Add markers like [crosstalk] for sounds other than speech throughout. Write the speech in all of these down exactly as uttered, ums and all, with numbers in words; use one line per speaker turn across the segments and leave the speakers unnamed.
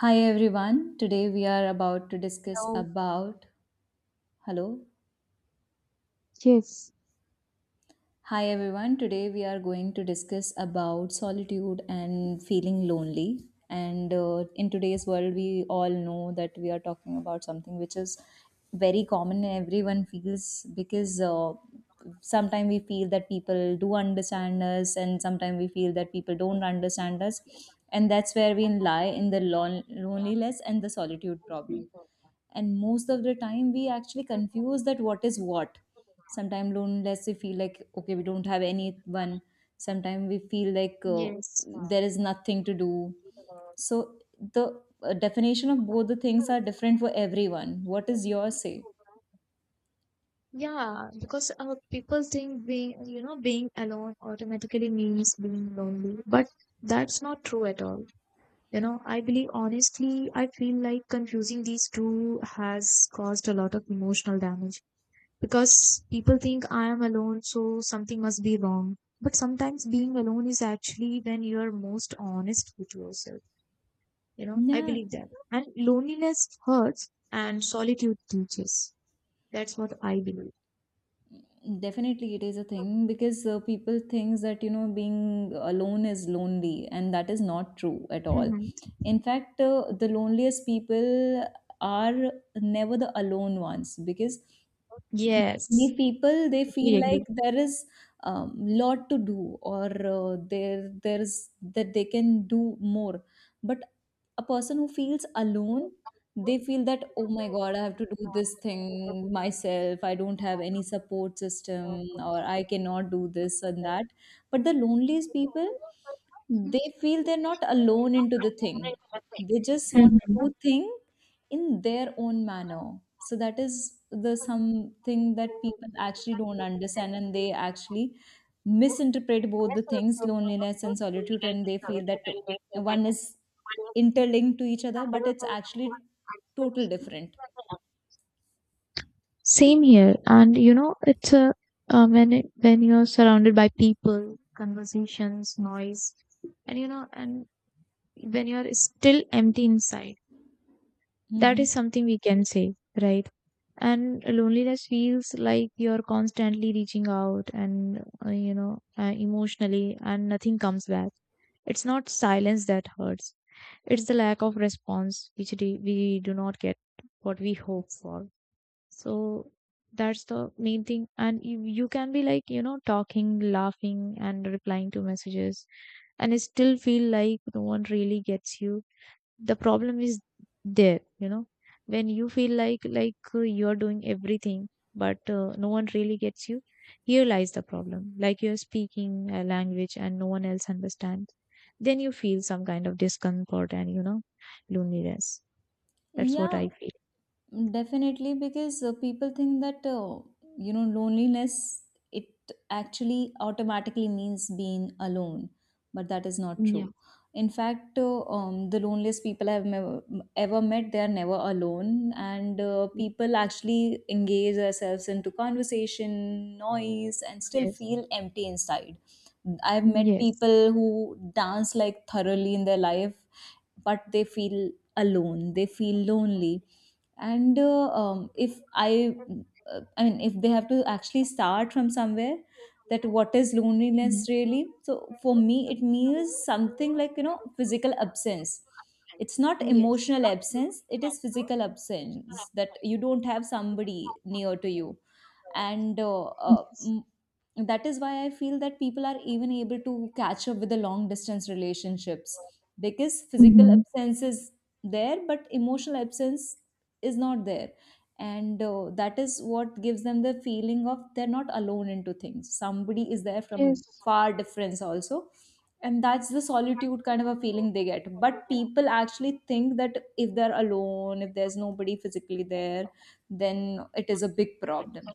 Hi everyone. Today we are about to discuss
No.
about Hello.
Yes.
Hi everyone. Today we are going to discuss about solitude and feeling lonely. And uh, in today's world we all know that we are talking about something which is very common and everyone feels because uh, sometimes we feel that people do understand us and sometimes we feel that people don't understand us, and that's where we lie in the lon- loneliness and the solitude problem. And most of the time we actually confuse that what is what. Sometimes loneliness, we feel like okay, we don't have anyone. Sometimes we feel like uh,
Yes.
there is nothing to do. So the uh, definition of both the things are different for everyone. What is your say?
Yeah, because uh, people think being, you know, being alone automatically means being lonely, but that's not true at all. You know, I believe honestly, I feel like confusing these two has caused a lot of emotional damage because people think I am alone, so something must be wrong. But sometimes being alone is actually when you're most honest with yourself. You know, I
Yeah.
believe that. And loneliness hurts and solitude teaches. That's what I believe.
Definitely, it is a thing because uh, people thinks that you know being alone is lonely, and that is not true at all.
Hmm.
In fact, uh, the loneliest people are never the alone ones, because many
Yes.
people, they feel like there is um, lot to do or uh, there there's that they can do more. But a person who feels alone, they feel that oh my god, I have to do this thing myself. I don't have any support system or I cannot do this and that. But the loneliest people, they feel they're not alone into the thing. They just want to
Mhm.
do thing in their own manner. So that is the something that people actually don't understand, and they actually misinterpret both the things, loneliness and solitude, and they feel that one is interlinked to each other, but it's actually total different.
Same here. And you know, it's a, uh, when it, when you're surrounded by people, conversations, noise, and you know, and when you're still empty inside, that
Mhm.
is something we can say, right? And loneliness feels like you're constantly reaching out and, uh, you know, uh, emotionally, and nothing comes back. It's not silence that hurts. It's the lack of response which do- we do not get what we hope for. So that's the main thing. And you, you can be like, you know, talking, laughing, and replying to messages, and it still feel like no one really gets you. The problem is there, you know, when you feel like like uh, you are doing everything, but uh, no one really gets you. Here lies the problem, like you're speaking a language and no one else understands. Then you feel some kind of discomfort and, you know, loneliness. That's what
Yeah.
I feel.
Definitely, because uh, people think that uh, you know loneliness, it actually automatically means being alone, but that is not
Yeah.
true. In fact, uh, um, the loneliest people I've mev- ever met, they are never alone, and uh, people actually engage themselves into conversation, noise, and still
Yes.
feel empty inside. I've met
Yes.
people who dance like thoroughly in their life, but they feel alone. They feel lonely. And uh, um, if I uh, I mean, if they have to actually start from somewhere, that what is loneliness
Mhm.
really. So for me it means something like, you know, physical absence. It's not
Yes.
emotional absence, it is physical absence, that you don't have somebody near to you. and uh, uh,
Yes.
mm, that is why I feel that people are even able to catch up with the long distance relationships, because physical
Hmm.
absence is there but emotional absence is not there. And uh, that is what gives them the feeling of they're not alone into things, somebody is there from
Yes.
far difference also, and that's the solitude kind of a feeling they get. But people actually think that if they're alone, if there's nobody physically there, then it is a big problem.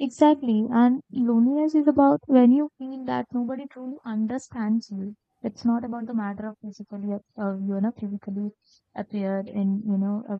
Exactly. And loneliness is about when you feel that nobody truly understands you. It's not about the matter of physically, ap- uh, you know, physically appear and, you know, uh,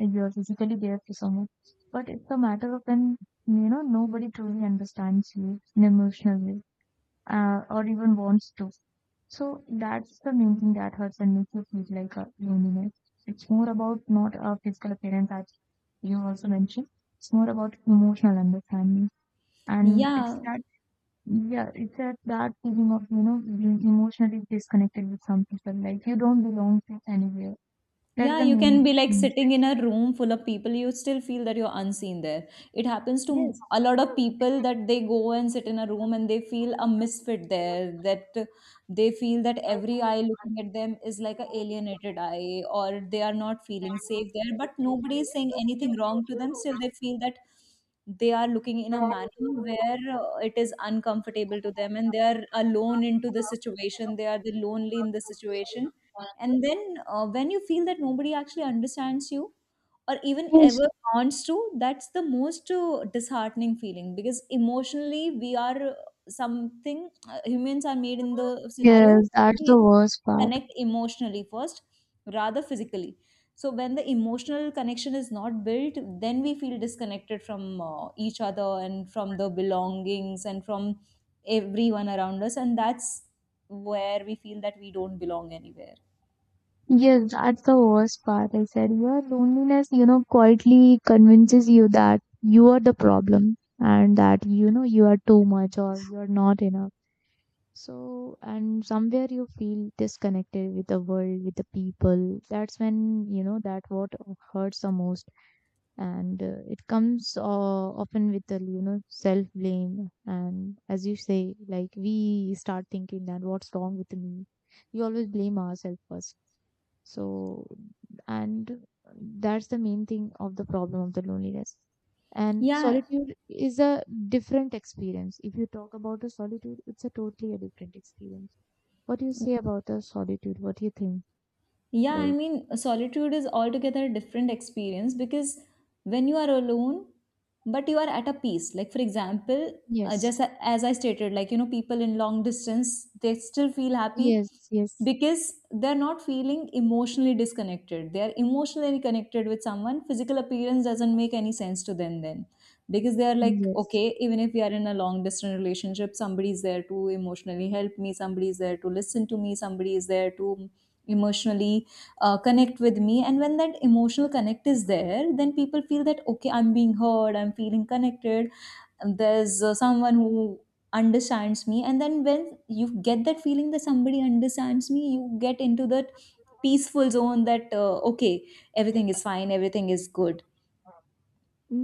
you're physically there for someone. But it's a matter of when, you know, nobody truly understands you in emotional way, uh, or even wants to. So that's the main thing that hurts and makes you feel like a loneliness. It's more about not a physical appearance that you also mentioned. It's more about emotional understanding. And it's
Yeah.
that, yeah, it's that, that feeling of, you know, being emotionally disconnected with some people, like you don't belong to anywhere. That's
Yeah,
the
you can
main
be like
thing.
sitting in a room full of people, you still feel that you're unseen there. It happens to
Yes.
a lot of people that they go and sit in a room and they feel a misfit there, that uh, they feel that every eye looking at them is like a alienated eye, or they are not feeling safe there, but nobody is saying anything wrong to them. Still, they feel that they are looking in a manner where uh, it is uncomfortable to them, and they are alone into the situation. They are the lonely in the situation. And then uh, when you feel that nobody actually understands you or even
Yes.
ever wants to, that's the most uh, disheartening feeling, because emotionally we are uh, something, uh, humans are made in the scenario
Yes,
where
that's
we
the worst part.
connect emotionally first rather physically. So when the emotional connection is not built, then we feel disconnected from uh, each other and from the belongings and from everyone around us. And that's where we feel that we don't belong anywhere.
Yes, that's the worst part. I said your loneliness, you know, quietly convinces you that you are the problem and that, you know, you are too much or you're not enough. So, and somewhere you feel disconnected with the world, with the people. That's when, you know, that what hurts the most. And uh, it comes uh, often with the, you know, self blame. And as you say, like we start thinking that what's wrong with me. We always blame ourselves first. So, and that's the main thing of the problem of the loneliness. And
Yeah.
solitude is a different experience. If you talk about a solitude, it's a totally a different experience. What do you say about the solitude? What do you think?
Yeah, I
Like,
mean, solitude is altogether a different experience because when you are alone, but you are at a peace. Like, for example, uh,
yes,
just a- as I stated, like, you know, people in long distance, they still feel happy
yes, yes,
because they're not feeling emotionally disconnected. They're emotionally connected with someone. Physical appearance doesn't make any sense to them then, because they're
and
like,
yes.
okay, even if we are in a long distance relationship, somebody's there to emotionally help me, somebody's there to listen to me, somebody is there to emotionally uh, connect with me. And when that emotional connect is there, then people feel that okay, I'm being heard, I'm feeling connected, and there's uh, someone who understands me. And then when you get that feeling that somebody understands me, you get into that peaceful zone, that uh, okay, everything is fine, everything is good.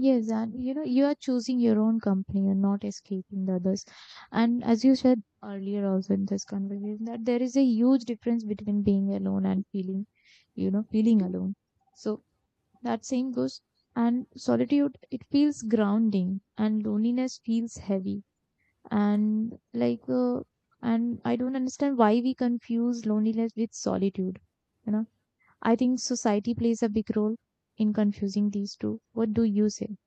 Yes, and you know, you are choosing your own company and not escaping the others. And as you said earlier, also in this conversation, that there is a huge difference between being alone and feeling, you know, feeling alone. So that same goes. And solitude, it feels grounding, and loneliness feels heavy. And like uh, and I don't understand why we confuse loneliness with solitude, you know. I think society plays a big role in confusing these two. What do you say?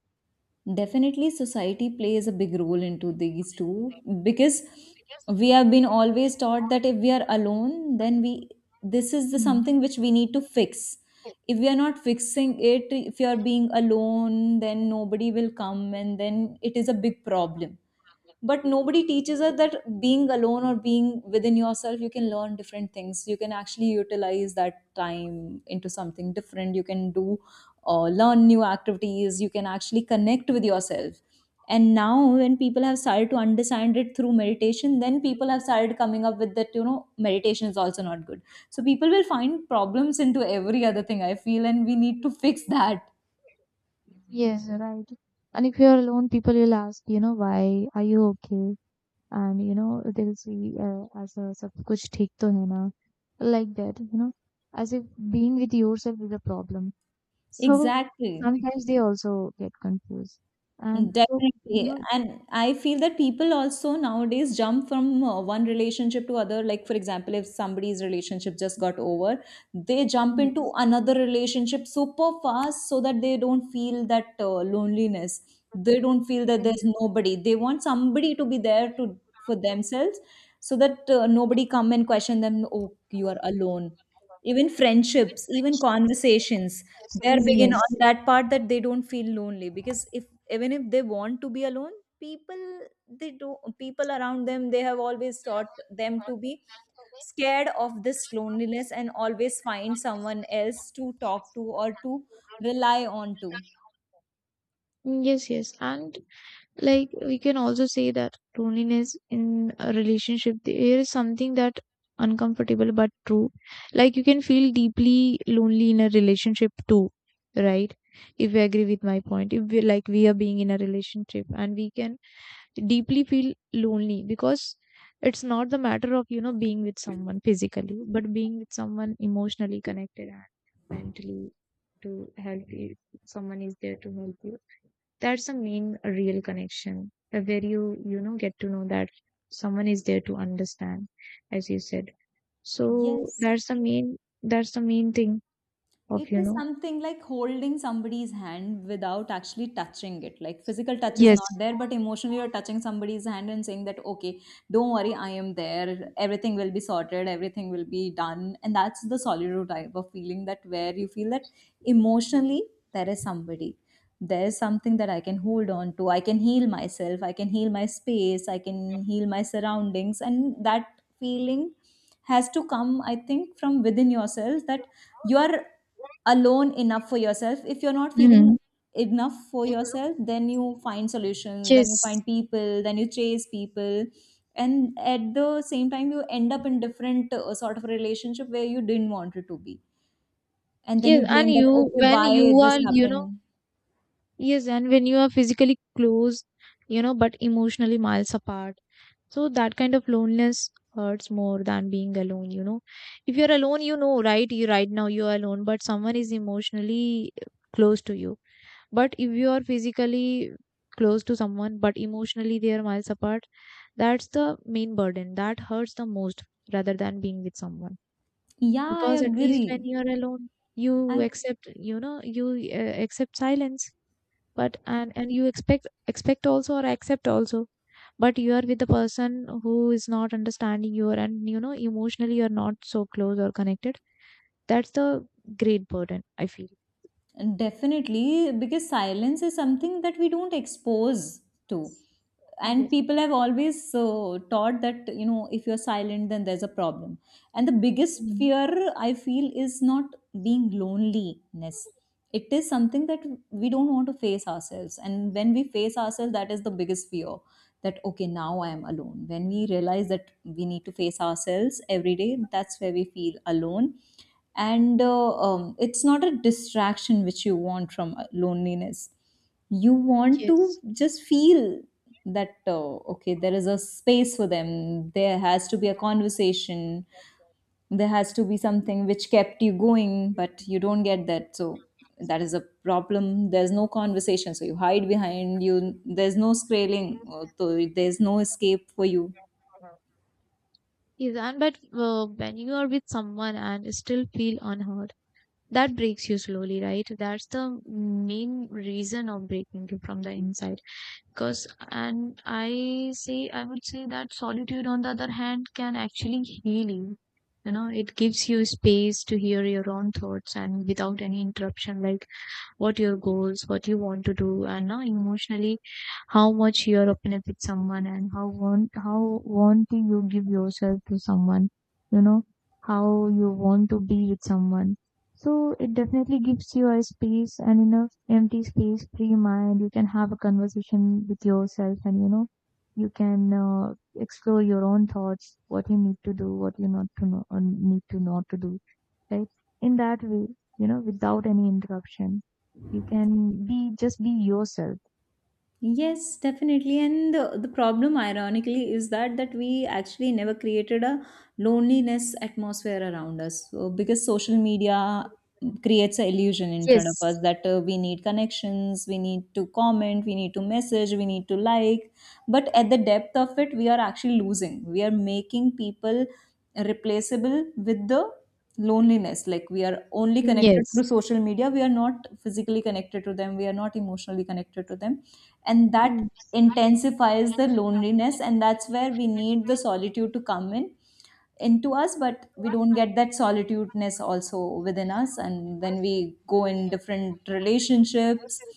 Definitely, society plays a big role into these two, because we have been always taught that if we are alone, then we, this is the
Mhm.
something which we need to fix. If we are not fixing it, if you are being alone, then nobody will come, and then it is a big problem. But nobody teaches us that being alone or being within yourself, you can learn different things, you can actually utilize that time into something different, you can do uh, learn new activities, you can actually connect with yourself. And now when people have started to understand it through meditation, then people have started coming up with that, you know, meditation is also not good. So people will find problems into every other thing, I feel, and we need to fix that.
Yes, right. And if you're alone, people will ask, you know, why are you okay? And you know, they'll see uh, as a sab kuch theek to hai na, like that, you know, as if being with yourself is a problem. So
Exactly.
sometimes they also get confused. And so, you
Definitely.
know,
And I feel that people also nowadays jump from uh, one relationship to other. Like, for example, if somebody's relationship just got over, they jump into
yes.
another relationship super fast so that they don't feel that uh, loneliness. They don't feel that
Mm.
there's nobody. They want somebody to be there to for themselves, so that uh, nobody come and question them, oh, you are alone. Even friendships, even conversations, they're big in on
Yes.
that part, that they don't feel lonely, because if, even if they want to be alone, people they do people around them, they have always taught them to be scared of this loneliness and always find someone else to talk to or to rely on to.
Mm, yes, yes. And like we can also say that loneliness in a relationship, there is something that uncomfortable but true. Like you can feel deeply lonely in a relationship too, right? If we agree with my point, if we like we are being in a relationship and we can deeply feel lonely because it's not the matter of, you know, being with someone physically but being with someone emotionally connected and mentally to help you, someone is there to help you. That's the main real connection, uh, where you you know get to know that someone is there to understand, as you said. So
Yes.
that's the main, that's the main thing of,
It
you
is
know,
something like holding somebody's hand without actually touching it. Like physical touch is not
yes,
there, but emotionally you're touching somebody's hand and saying that, okay, don't worry, I am there. Everything will be sorted. Everything will be done. And that's the solitude type of feeling that where you feel that emotionally there is somebody. There is something that I can hold on to. I can heal myself. I can heal my space. I can heal my surroundings. And that feeling has to come, I think, from within yourself, that you are alone enough for yourself. If you're not feeling
hmm,
enough for yourself, then you find solutions, then you
yes,
find people, then you chase people, and at the same time you end up in different uh, sort of relationship where you didn't want it to be, and then you
yes. And
blame that
you
okay,
when you
why this
are you know
happened.
yes, and when you are physically close, you know, but emotionally miles apart. So that kind of loneliness hurts more than being alone, you know. If you're alone, you know, right? You right now you are alone, but someone is emotionally close to you. But if you are physically close to someone, but emotionally they are miles apart, that's the main burden. That hurts the most rather than being with someone.
Yeah, I
Because at least
agree.
when you are alone, you
I
accept, you know, you uh, accept silence, but and and you expect expect also or accept also, but you are with the person who is not understanding you and you know emotionally you're not so close or connected. That's the great burden, I feel.
Definitely, because silence is something that we don't expose to. And
Yes.
people have always uh, taught that, you know, if you're silent, then there's a problem. And the biggest
Mm,
fear I feel is not being loneliness. It is something that we don't want to face ourselves. And when we face ourselves, that is the biggest fear, that okay, now I am alone. When we realize that we need to face ourselves every day, that's where we feel alone. And uh, um, it's not a distraction which you want from uh, loneliness. You want to
yes,
just feel that uh, okay, there is a space for them, there has to be a conversation, there has to be something which kept you going, but you don't get that. So that is a problem, there's no conversation, so you hide behind you, there's no scaling uh, so there's no escape for you.
yes. And but uh, when you are with someone and still feel unheard, that breaks you slowly, right? That's the main reason of breaking you from the inside. Because, and I say, I would say that solitude on the other hand can actually heal you, you know. It gives you space to hear your own thoughts and without any interruption, like what your goals, what you want to do, and now emotionally how much you're open up with someone and how want how want to you give yourself to someone, you know, how you want to be with someone. So it definitely gives you a space and enough empty space, free mind. You can have a conversation with yourself and you know, you can uh, explore your own thoughts, what you need to do, what you not to know, or need to not to do, right? In that way, you know, without any interruption, you can be just be yourself.
Yes, definitely. And the, the problem, ironically, is that that we actually never created a loneliness atmosphere around us. So, because social media creates an illusion in front of
Yes.
us that uh, we need connections, we need to comment, we need to message, we need to like. But at the depth of it, we are actually losing. We are making people replaceable with the loneliness. Like we are only connected through
Yes.
social media. We are not physically connected to them. We are not emotionally connected to them, and that
Mm.
intensifies the loneliness, and that's where we need the solitude to come in into us. But we don't get that solitudeness also within us, and then we go in different relationships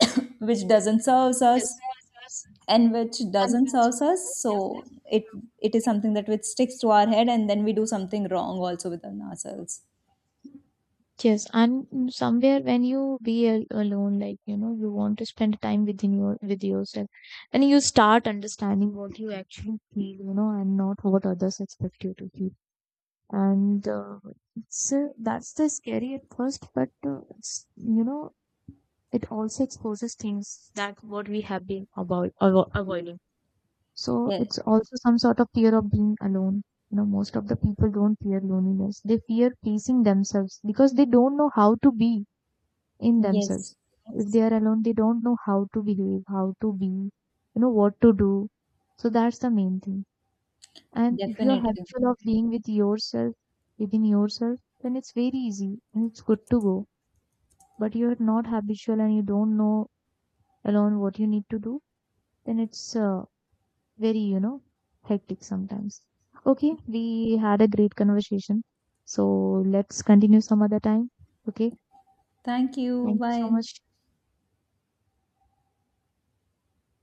[coughs] which doesn't serve us, and which doesn't serve us. So it it is something that which sticks to our head, and then we do something wrong also within ourselves.
Yes, and mm, somewhere when you be al alone, like you know, you want to spend time within your with yourself, and you start understanding what you actually feel, you know, and not what others expect you to feel. And uh, it's uh, that's the scary at first, but uh, it's you know, it also exposes things that what we have been avoid, avo- avoiding. So
Yeah.
it's also some sort of fear of being alone. You know, most of the people don't fear loneliness. They fear pleasing themselves because they don't know how to be in
Yes,
themselves. If they are alone, they don't know how to behave, how to be, you know, what to do. So that's the main thing. And if you're
definitely.
habitual of being with yourself, within yourself, then it's very easy and it's good to go. But you're not habitual and you don't know alone what you need to do, then it's uh, very you know hectic sometimes. Okay, we had a great conversation, so let's continue some other time. Okay,
Thank you,
thank you so
bye.
much.